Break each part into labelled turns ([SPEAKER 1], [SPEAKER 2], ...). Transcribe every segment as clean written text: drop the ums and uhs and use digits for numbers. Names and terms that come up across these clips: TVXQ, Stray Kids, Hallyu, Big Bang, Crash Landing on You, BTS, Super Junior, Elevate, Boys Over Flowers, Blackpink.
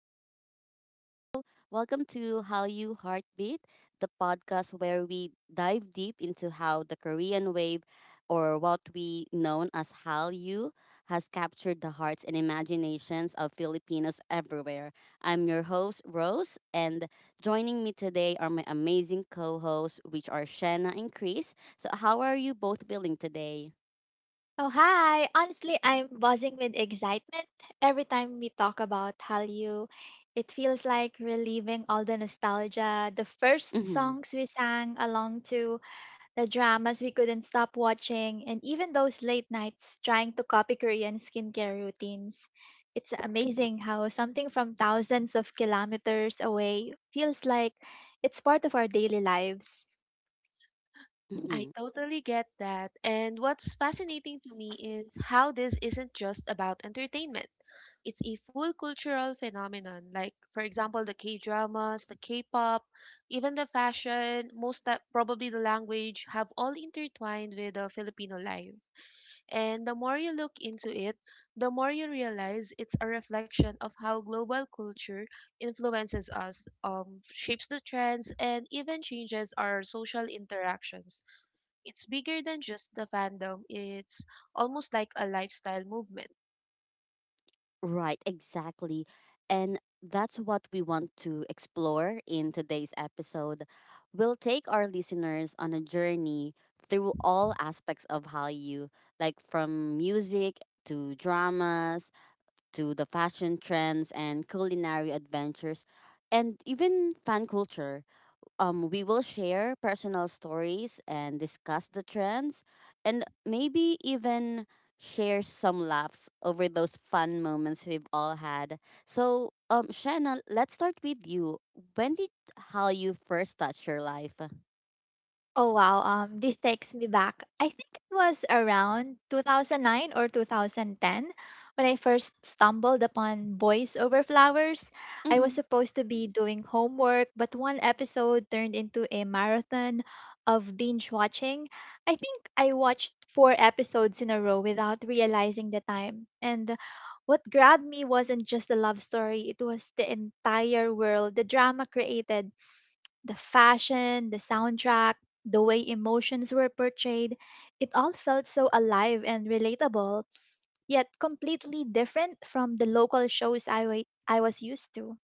[SPEAKER 1] Hello, hello, hello. Welcome to How You Heartbeat, the podcast where we dive deep into how the Korean wave, or what we know as Hallyu, has captured the hearts and imaginations of Filipinos everywhere. I'm your host, Rose, and joining me today are my amazing co hosts, which are Shanna and Chris. So, how are you both feeling today?
[SPEAKER 2] Oh, hi. Honestly, I'm buzzing with excitement every time we talk about Hallyu. It feels like reliving all the nostalgia, the first songs we sang along to, the dramas we couldn't stop watching, and even those late nights trying to copy Korean skincare routines. It's amazing how something from thousands of kilometers away feels like it's part of our daily lives.
[SPEAKER 3] I
[SPEAKER 1] Mm-hmm.
[SPEAKER 3] totally get that. And what's fascinating to me is how this isn't just about entertainment. It's a full cultural phenomenon, like, for example, the K dramas, the K pop, even the fashion, most that probably the language have all intertwined with the Filipino life. And the more you look into it, the more you realize it's a reflection of how global culture influences us, shapes the trends, and even changes our social interactions. It's bigger than just the fandom. It's almost like a lifestyle movement.
[SPEAKER 1] Right, exactly. And that's what we want to explore in today's episode. We'll take our listeners on a journey through all aspects of Hallyu, like from music to dramas to the fashion trends and culinary adventures and even fan culture. We will share personal stories and discuss the trends, and maybe even share some laughs over those fun moments we've all had. So, Shannon, let's start with you. When did how you first touch your life?
[SPEAKER 2] Oh wow, this takes me back. I think it was around 2009 or 2010 when I first stumbled upon Boys Over Flowers. I was
[SPEAKER 1] Mm-hmm.
[SPEAKER 2] supposed to be doing homework, but one episode turned into a marathon of binge watching. I think I watched four episodes in a row without realizing the time. And what grabbed me wasn't just the love story, it was the entire world, the drama created the fashion, the soundtrack, the way emotions were portrayed, it all felt so alive and relatable, yet completely different from the local shows I was used to,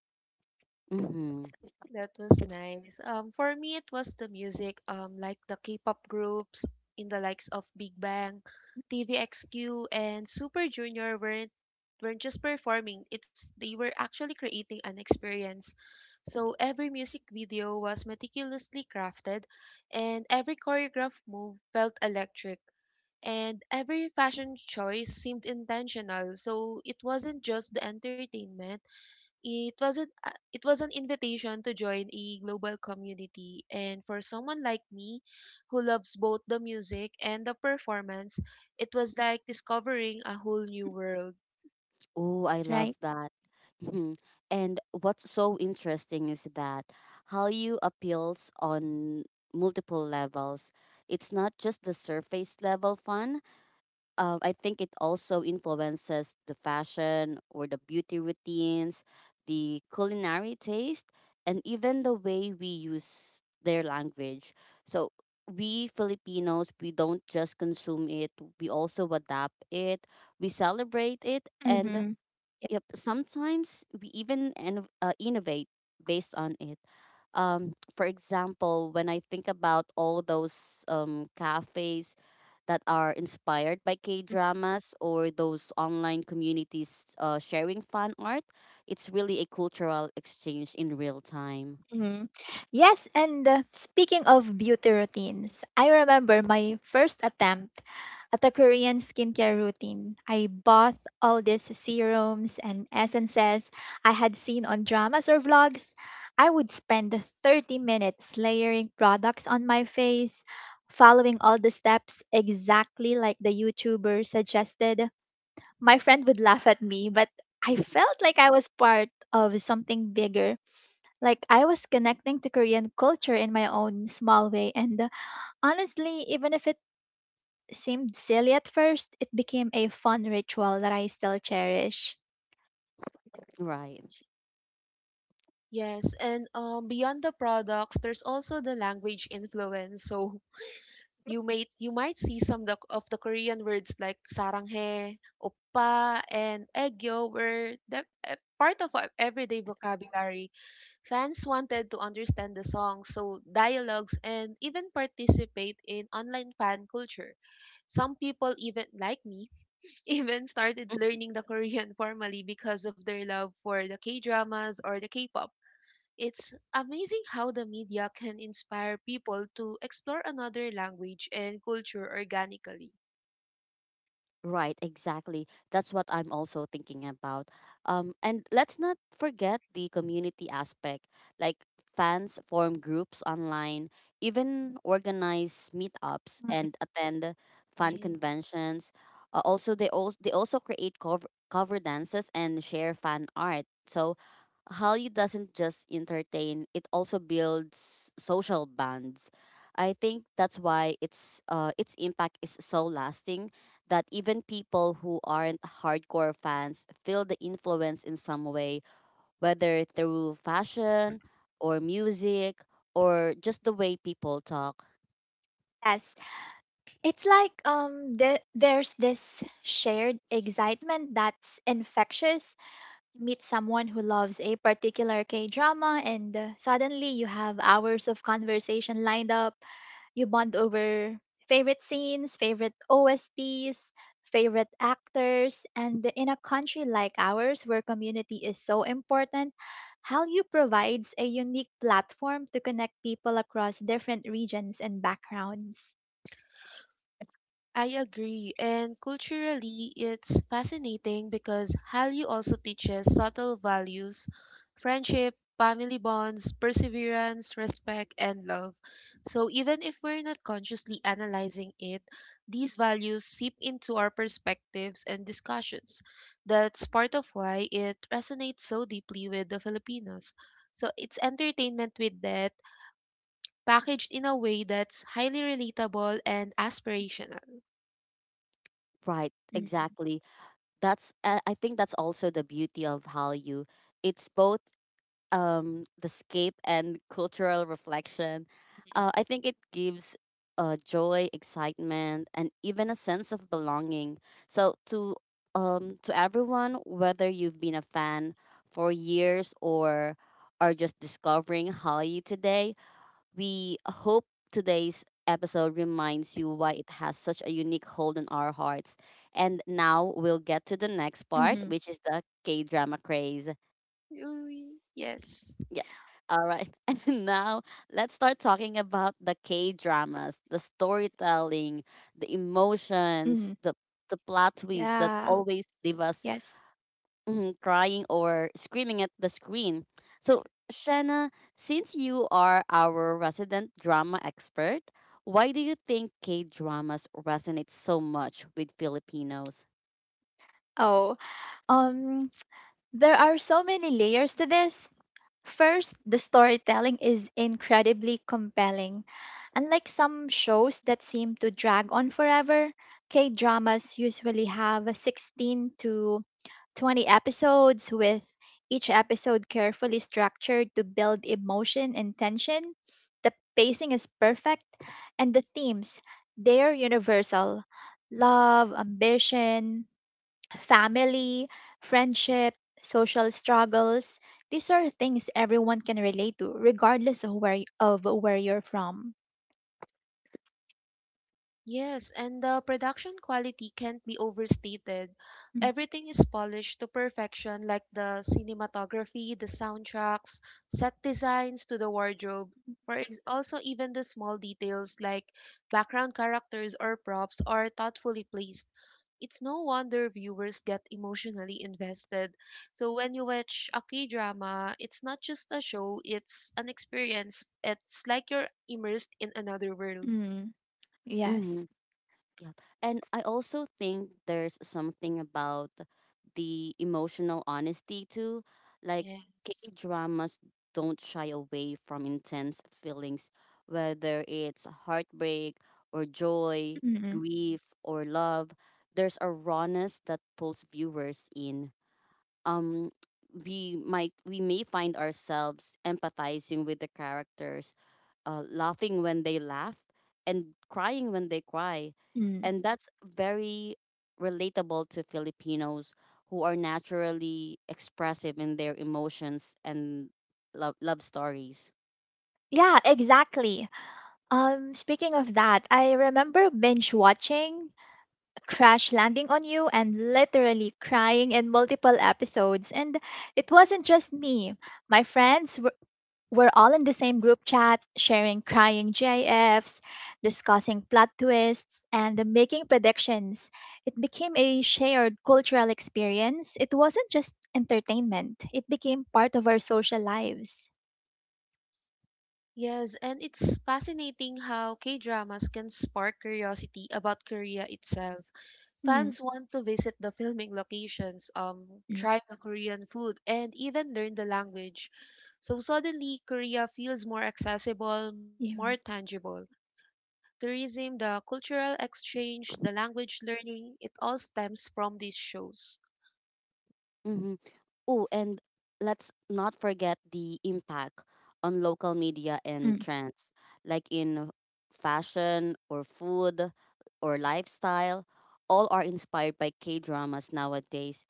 [SPEAKER 1] Mm-hmm.
[SPEAKER 3] That was nice. For me, it was the music, like the K-pop groups in the likes of Big Bang, TVXQ, and Super Junior weren't just performing. It's they were actually creating an experience. So every music video was meticulously crafted, and every choreographed move felt electric. And every fashion choice seemed intentional, so it wasn't just the entertainment, it wasn't it was an invitation to join a global community, and for someone like me who loves both the music and the performance, it was like discovering a whole new world.
[SPEAKER 1] Oh, I love
[SPEAKER 2] right?
[SPEAKER 1] that. Hmm. And what's so interesting is that how you appeals on multiple levels. It's not just the surface level fun. I think it also influences the fashion or the beauty routines, the culinary taste, and even the way we use their language. So we Filipinos, we don't just consume it, we also adapt it, we celebrate it, and
[SPEAKER 2] Mm-hmm.
[SPEAKER 1] yep, sometimes we even innovate based on it. For example, when I think about all those cafes that are inspired by K dramas or those online communities sharing fan art, it's really a cultural exchange in real time.
[SPEAKER 2] Mhm. Yes, and speaking of beauty routines, I remember my first attempt at a Korean skincare routine. I bought all these serums and essences I had seen on dramas or vlogs. I would spend 30 minutes layering products on my face, following all the steps exactly like the YouTuber suggested. My friend would laugh at me, but I felt like I was part of something bigger, like I was connecting to Korean culture in my own small way, and honestly, even if it seemed silly at first, it became a fun ritual that I still cherish.
[SPEAKER 1] Right.
[SPEAKER 3] Yes, and beyond the products there's also the language influence. So you might see some of the Korean words like saranghae, oppa, and egyo were the part of our everyday vocabulary. Fans wanted to understand the songs, so dialogues, and even participate in online fan culture. Some people even like me even started learning the Korean formally because of their love for the K-dramas or the K-pop. It's amazing how the media can inspire people to explore another language and culture organically.
[SPEAKER 1] Right, exactly. That's what I'm also thinking about. And let's not forget the community aspect. Like fans form groups online, even organize meetups
[SPEAKER 2] Mm.
[SPEAKER 1] and attend fan
[SPEAKER 3] Yes.
[SPEAKER 1] conventions. Also, they also create cover dances and share fan art. So, Hallyu doesn't just entertain; it also builds social bonds. I think that's why its impact is so lasting that even people who aren't hardcore fans feel the influence in some way, whether through fashion or music or just the way people talk.
[SPEAKER 2] Yes, it's like there's this shared excitement that's infectious. Meet someone who loves a particular K drama, and suddenly you have hours of conversation lined up. You bond over favorite scenes, favorite OSTs, favorite actors, and in a country like ours where community is so important, Hallyu provides a unique platform to connect people across different regions and backgrounds.
[SPEAKER 3] I agree. And culturally, it's fascinating because Hallyu also teaches subtle values: friendship, family bonds, perseverance, respect, and love. So even if we're not consciously analyzing it, these values seep into our perspectives and discussions. That's part of why it resonates so deeply with the Filipinos. So it's entertainment with that, packaged in a way that's highly relatable and aspirational.
[SPEAKER 1] Right,
[SPEAKER 2] Mhm,
[SPEAKER 1] exactly. That's I think that's also the beauty of Hallyu. It's both the scape and cultural reflection. I think it gives joy, excitement, and even a sense of belonging. So to everyone, whether you've been a fan for years or are just discovering Hallyu today, we hope today's episode reminds you why it has such a unique hold on our hearts. And now we'll
[SPEAKER 2] mhm,
[SPEAKER 1] get to the next part, which is the K drama craze.
[SPEAKER 3] Ooh, yes.
[SPEAKER 1] Yes. All right. And now let's start talking about the K dramas, the storytelling, the
[SPEAKER 2] mhm.
[SPEAKER 1] emotions, the plot
[SPEAKER 2] Yeah,
[SPEAKER 1] twists that always leave
[SPEAKER 2] yes.
[SPEAKER 1] us mm, crying or screaming at the screen. So, Shanna, since you are our resident drama expert, why do you think K dramas resonate so much with Filipinos?
[SPEAKER 2] Oh, um, there are so many layers to this. First, the storytelling is incredibly compelling. Unlike some shows that seem to drag on forever, K dramas usually have 16 to 20 episodes, with each episode carefully structured to build emotion and tension. The pacing is perfect, and the themes, they're universal: love, ambition, family, friendship, social struggles. These are things everyone can relate to, regardless of where you're from.
[SPEAKER 3] Yes, and the production quality can't be overstated.
[SPEAKER 2] Mm,
[SPEAKER 3] Everything is polished to perfection, like the cinematography, the soundtracks, set designs to the wardrobe. Also, even the small details like background characters or props are thoughtfully placed. It's no wonder viewers get emotionally invested. So when you watch a K-drama, it's not just a show, it's an experience. It's like you're immersed in another world.
[SPEAKER 2] mm,
[SPEAKER 1] Mm-hmm.
[SPEAKER 2] yes.
[SPEAKER 1] Yep. And I also think there's something about the emotional honesty too. Like K
[SPEAKER 3] Yes.
[SPEAKER 1] dramas don't shy away from intense feelings, whether it's heartbreak or joy,
[SPEAKER 2] Mm,
[SPEAKER 1] grief or love. There's a rawness that pulls viewers in. Um we might we may find ourselves empathizing with the characters, laughing when they laugh and crying when they cry,
[SPEAKER 2] mm.
[SPEAKER 1] and that's very relatable to Filipinos who are naturally expressive in their emotions and love stories.
[SPEAKER 2] Yeah, exactly. Speaking of that, I remember binge watching Crash Landing on You and literally crying in multiple episodes. And it wasn't just me. My friends were We're all in the same group chat, sharing crying GIFs, discussing plot twists, and making predictions. It became a shared cultural experience. It wasn't just entertainment, it became part of our social lives.
[SPEAKER 3] Yes, and it's fascinating how K-dramas can spark curiosity about Korea itself.
[SPEAKER 2] Mm,
[SPEAKER 3] Fans want to visit the filming locations,
[SPEAKER 2] mm,
[SPEAKER 3] try the Korean food, and even learn the language. So suddenly, Korea feels more accessible, more
[SPEAKER 2] yeah,
[SPEAKER 3] tangible. Tourism, the cultural exchange, the language learning, it all stems from these shows.
[SPEAKER 1] Mm-hmm. Oh, and let's not forget the impact on local media and
[SPEAKER 2] mm.
[SPEAKER 1] trends, like in fashion or food or lifestyle. All are inspired by K dramas nowadays.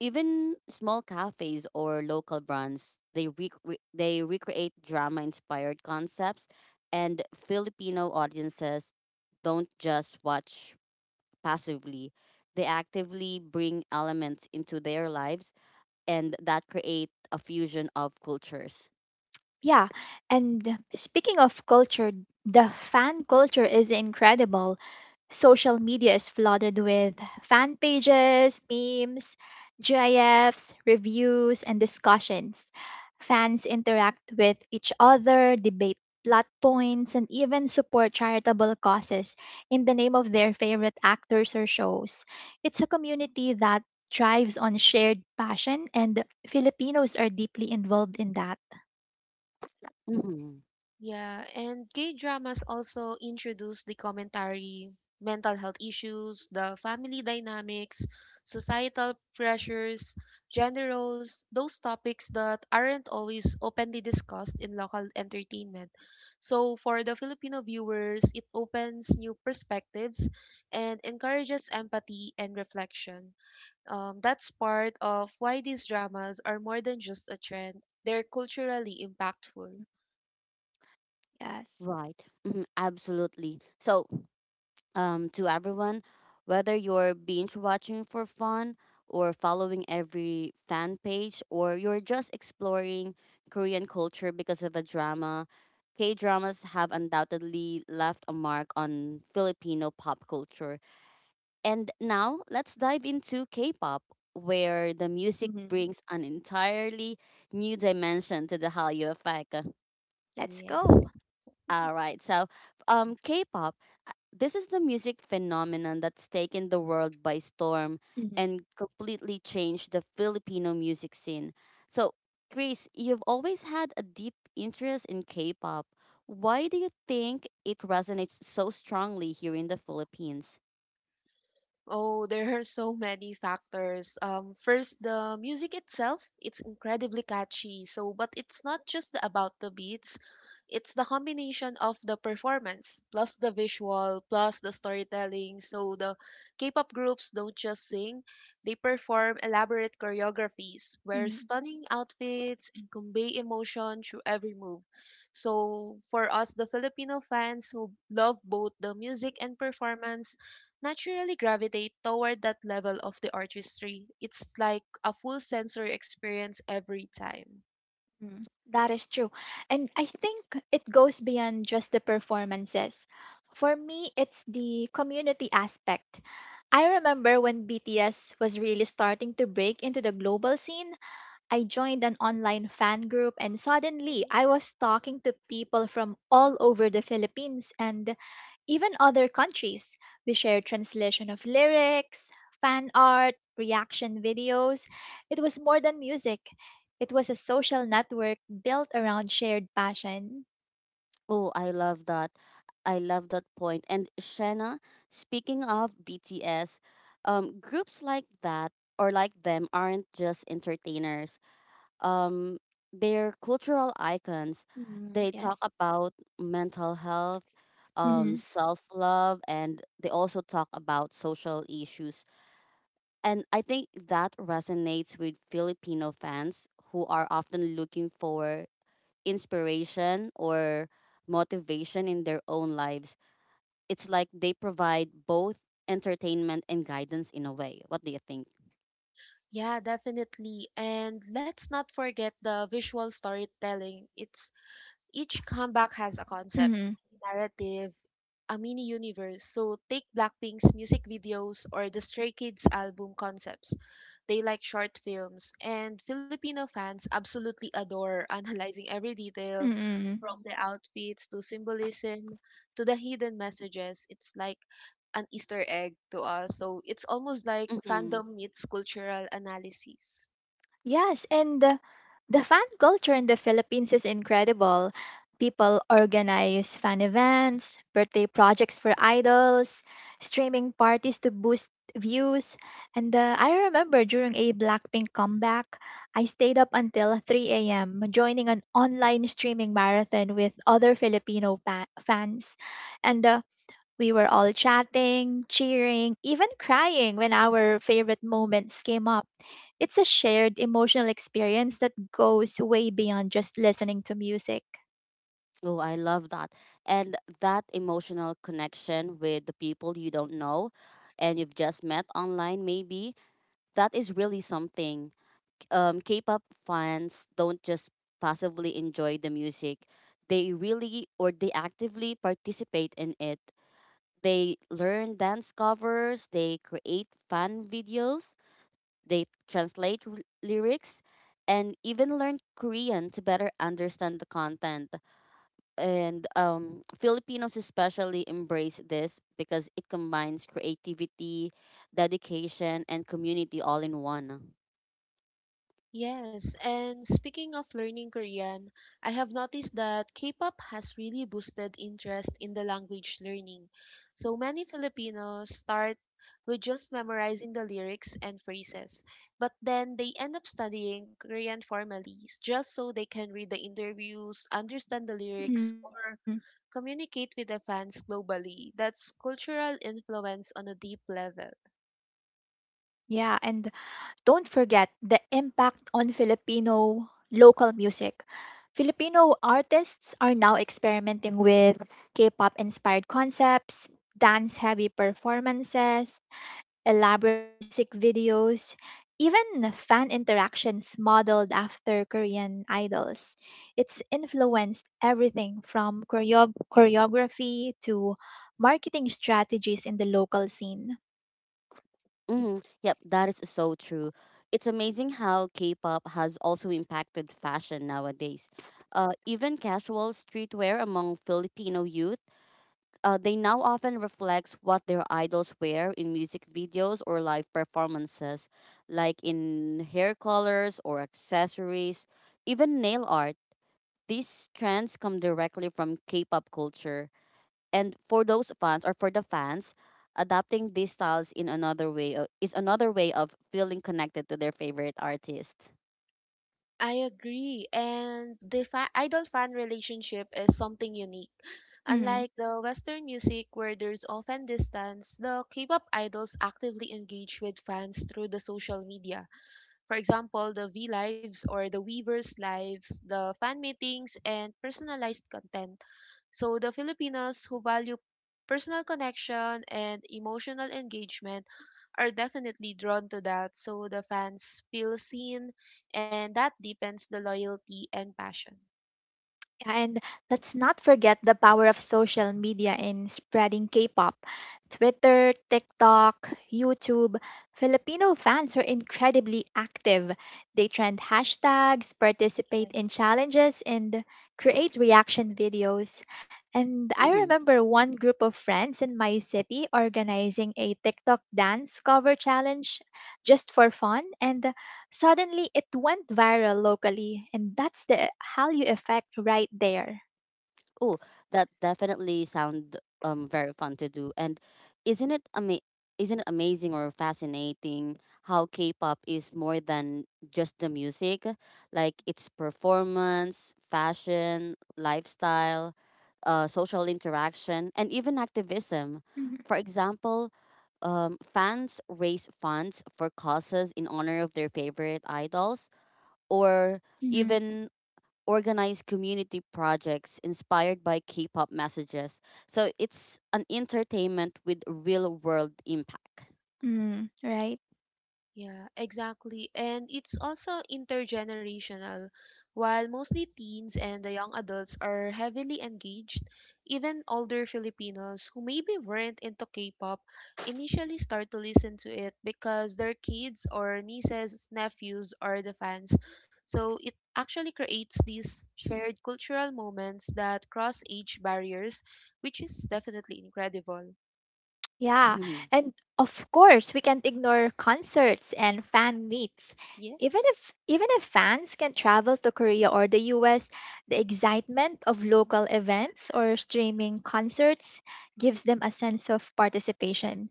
[SPEAKER 1] Even small cafes or local brands, they they recreate drama inspired concepts, and Filipino audiences don't just watch passively; they actively bring elements into their lives and that create a fusion of cultures.
[SPEAKER 2] Yeah, and speaking of culture, the fan culture is incredible. Social media is flooded with fan pages, memes, GIFs, reviews, and discussions. Fans interact with each other, debate plot points, and even support charitable causes in the name of their favorite actors or shows. It's a community that thrives on shared passion, and Filipinos are deeply involved in that.
[SPEAKER 1] Hmm.
[SPEAKER 3] Yeah, and gay dramas also introduce the commentary, mental health issues, the family dynamics, societal pressures, gender roles, those topics that aren't always openly discussed in local entertainment. So, for the Filipino viewers, it opens new perspectives and encourages empathy and reflection. That's part of why these dramas are more than just a trend, they're culturally impactful.
[SPEAKER 2] Yes.
[SPEAKER 1] Right. Hmm. Absolutely. So, to everyone, whether you're binge watching for fun or following every fan page or you're just exploring Korean culture because of a drama, K dramas have undoubtedly left a mark on Filipino pop culture. And now let's dive into K pop, where the music
[SPEAKER 2] Hmm.
[SPEAKER 1] brings an entirely new dimension to the Hallyu effect.
[SPEAKER 2] Let's
[SPEAKER 3] Yes.
[SPEAKER 2] go.
[SPEAKER 1] All right, so K pop, this is the music phenomenon that's taken the world by storm
[SPEAKER 2] Hmm.
[SPEAKER 1] and completely changed the Filipino music scene. So, Chris, you've always had a deep interest in K pop. Why do you think it resonates so strongly here in the Philippines?
[SPEAKER 3] Oh, there are so many factors. First, the music itself, it's incredibly catchy. So, but it's not about the beats. It's the combination of the performance plus the visual plus the storytelling. So the K-pop groups don't just sing, they perform elaborate choreographies, wear
[SPEAKER 2] Hmm.
[SPEAKER 3] stunning outfits, and convey emotion through every move. So for us, the Filipino fans who love both the music and performance naturally gravitate toward that level of the artistry. It's like a full sensory experience every time.
[SPEAKER 2] Mm. That is true. And I think it goes beyond just the performances. For me, it's the community aspect. I remember when BTS was really starting to break into the global scene, I joined an online fan group and suddenly
[SPEAKER 3] Mm.
[SPEAKER 2] I was talking to people from all over the Philippines and even other countries. We shared translation of lyrics, fan art, reaction videos. It was more than music. It was a social network built around shared passion.
[SPEAKER 1] Oh, I love that. I love that point. And Shanna, speaking of BTS, groups like that or like them aren't just entertainers. Um, they're cultural icons.
[SPEAKER 2] Mm,
[SPEAKER 1] They talk
[SPEAKER 2] yes.
[SPEAKER 1] about mental health,
[SPEAKER 2] Mm-hmm.
[SPEAKER 1] self love, and they also talk about social issues. And I think that resonates with Filipino fans who are often looking for inspiration or motivation in their own lives. It's like they provide both entertainment and guidance in a way. What do you think?
[SPEAKER 3] Yeah, definitely. And let's not forget the visual storytelling. It's each comeback has a concept, narrative, a mini universe. So take Blackpink's music videos or the Stray Kids album concepts. They like short films, and Filipino fans absolutely adore analyzing every detail
[SPEAKER 2] Mm-hmm.
[SPEAKER 3] from the outfits to symbolism to the hidden messages. It's like an Easter egg to us. So it's almost like
[SPEAKER 1] Mm-hmm.
[SPEAKER 3] fandom meets cultural analysis.
[SPEAKER 2] Yes, and the fan culture in the Philippines is incredible. People organize fan events, birthday projects for idols, streaming parties to boost views. And I remember during a Blackpink comeback, I stayed up until 3 a.m., joining an online streaming marathon with other fans. And we were all chatting, cheering, even crying when our favorite moments came up. It's a shared emotional experience that goes way beyond just listening to music.
[SPEAKER 1] Oh, I love that. And that emotional connection with the people you don't know and you've just met online, maybe, that is really something. K pop fans don't just passively enjoy the music, they really or they actively participate in it. They learn dance covers, they create fan videos, they translate lyrics, and even learn Korean to better understand the content. And Filipinos especially embrace this because it combines creativity, dedication, and community all in one.
[SPEAKER 3] Yes, and speaking of learning Korean, I have noticed that K-pop has really boosted interest in the language learning. So many Filipinos start with just memorizing the lyrics and phrases, but then they end up studying Korean formally just so they can read the interviews, understand the
[SPEAKER 2] Mhm.
[SPEAKER 3] lyrics, or communicate with the fans globally. That's cultural influence on a deep level.
[SPEAKER 2] Yeah, and don't forget the impact on Filipino local music. Filipino artists are now experimenting with K pop inspired concepts, dance heavy performances, elaborate music videos, even fan interactions modeled after Korean idols. It's influenced everything from choreography to marketing strategies in the local scene.
[SPEAKER 1] Hmm. Yep, that is so true. It's amazing how K pop has also impacted fashion nowadays. Even casual streetwear among Filipino youth, they now often reflect what their idols wear in music videos or live performances, like in hair colors or accessories, even nail art. These trends come directly from K pop culture. And for those fans or for the fans, adapting these styles in another way is another way of feeling connected to their favorite artist.
[SPEAKER 3] I agree. And the idol fan relationship is something unique.
[SPEAKER 2] Mhm.
[SPEAKER 3] Unlike the Western music, where there's often distance, the K pop idols actively engage with fans through the social media. For example, the V Lives or the Weavers Lives, the fan meetings, and personalized content. So the Filipinos who value personal connection and emotional engagement are definitely drawn to that, so the fans feel seen, and that deepens the loyalty and passion.
[SPEAKER 2] Yeah, and let's not forget the power of social media in spreading K pop. Twitter, TikTok, YouTube, Filipino fans are incredibly active. They trend hashtags, participate in challenges, and create reaction videos. And I remember one group of friends in my city organizing a TikTok dance cover challenge just for fun, and suddenly, it went viral locally, and that's the Hallyu effect right there.
[SPEAKER 1] Oh, that definitely sound very fun to do. And isn't it ama- isn't it amazing or fascinating how K-pop is more than just the music? Like it's performance, fashion, lifestyle, social interaction, and even activism. For example, fans raise funds for causes in honor of their favorite idols, or
[SPEAKER 2] Mm-hmm.
[SPEAKER 1] even organize community projects inspired by K pop messages. So it's an entertainment with real world impact.
[SPEAKER 2] Mm. Right.
[SPEAKER 3] Yeah, exactly. And it's also intergenerational. While mostly teens and the young adults are heavily engaged, even older Filipinos who maybe weren't into K-pop initially start to listen to it because their kids or nieces, nephews are the fans. So it actually creates these shared cultural moments that cross age barriers, which is definitely incredible.
[SPEAKER 2] Yeah,
[SPEAKER 1] Mhm.
[SPEAKER 2] and of course, we can't ignore concerts and fan meets.
[SPEAKER 3] Yeah.
[SPEAKER 2] Even if fans can travel to Korea or the US, the excitement of local events or streaming concerts gives them a sense of participation.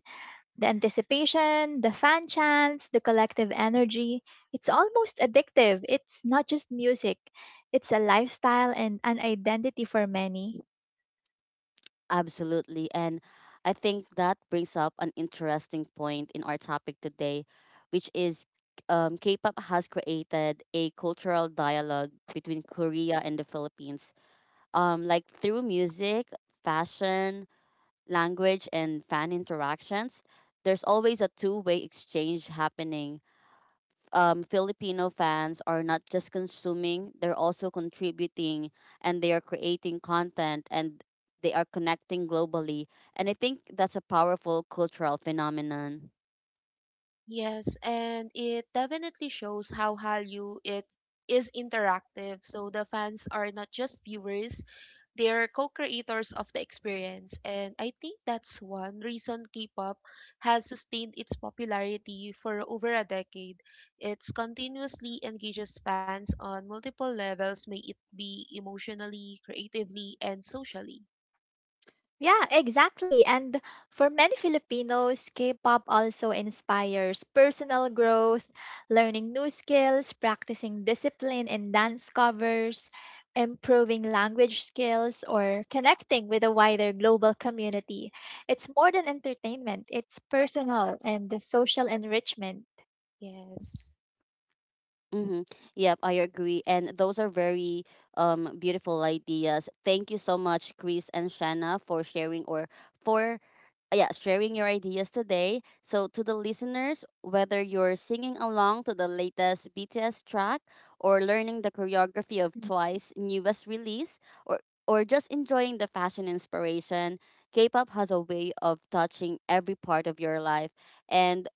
[SPEAKER 2] The anticipation, the fan chants, the collective energy, it's almost addictive. It's not just music, it's a lifestyle and an identity for many.
[SPEAKER 1] Absolutely. And I think that brings up an interesting point in our topic today, which is K pop has created a cultural dialogue between Korea and the Philippines, like through music, fashion, language, and fan interactions. There's always a two-way exchange happening. Filipino fans are not just consuming, they're also contributing and they are creating content and they are connecting globally. And I think that's a powerful cultural phenomenon.
[SPEAKER 3] Yes, and it definitely shows how Hallyu it is interactive. So the fans are not just viewers, they're co-creators of the experience. And I think that's one reason K-pop has sustained its popularity for over a decade. It continuously engages fans on multiple levels, may it be emotionally, creatively, and socially.
[SPEAKER 2] Yeah, exactly. And for many Filipinos, K-pop also inspires personal growth, learning new skills, practicing discipline in dance covers, improving language skills, or connecting with a wider global community. It's more than entertainment, it's personal and the social enrichment.
[SPEAKER 3] Yes.
[SPEAKER 1] Mm-hmm. Yep, I agree. And those are very beautiful ideas. Thank you so much, Chris and Shanna, for sharing or for yeah, sharing your ideas today. So, to the listeners, whether you're singing along to the latest BTS track or learning the choreography of
[SPEAKER 2] Mhm.
[SPEAKER 1] Twice's newest release or just enjoying the fashion inspiration, K-pop has a way of touching every part of your life. And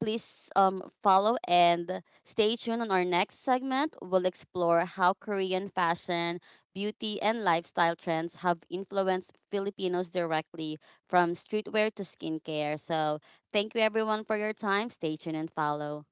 [SPEAKER 1] please follow and stay tuned on our next segment. We'll explore how Korean fashion, beauty, and lifestyle trends have influenced Filipinos directly from streetwear to skincare. So, thank you everyone for your time. Stay tuned and follow.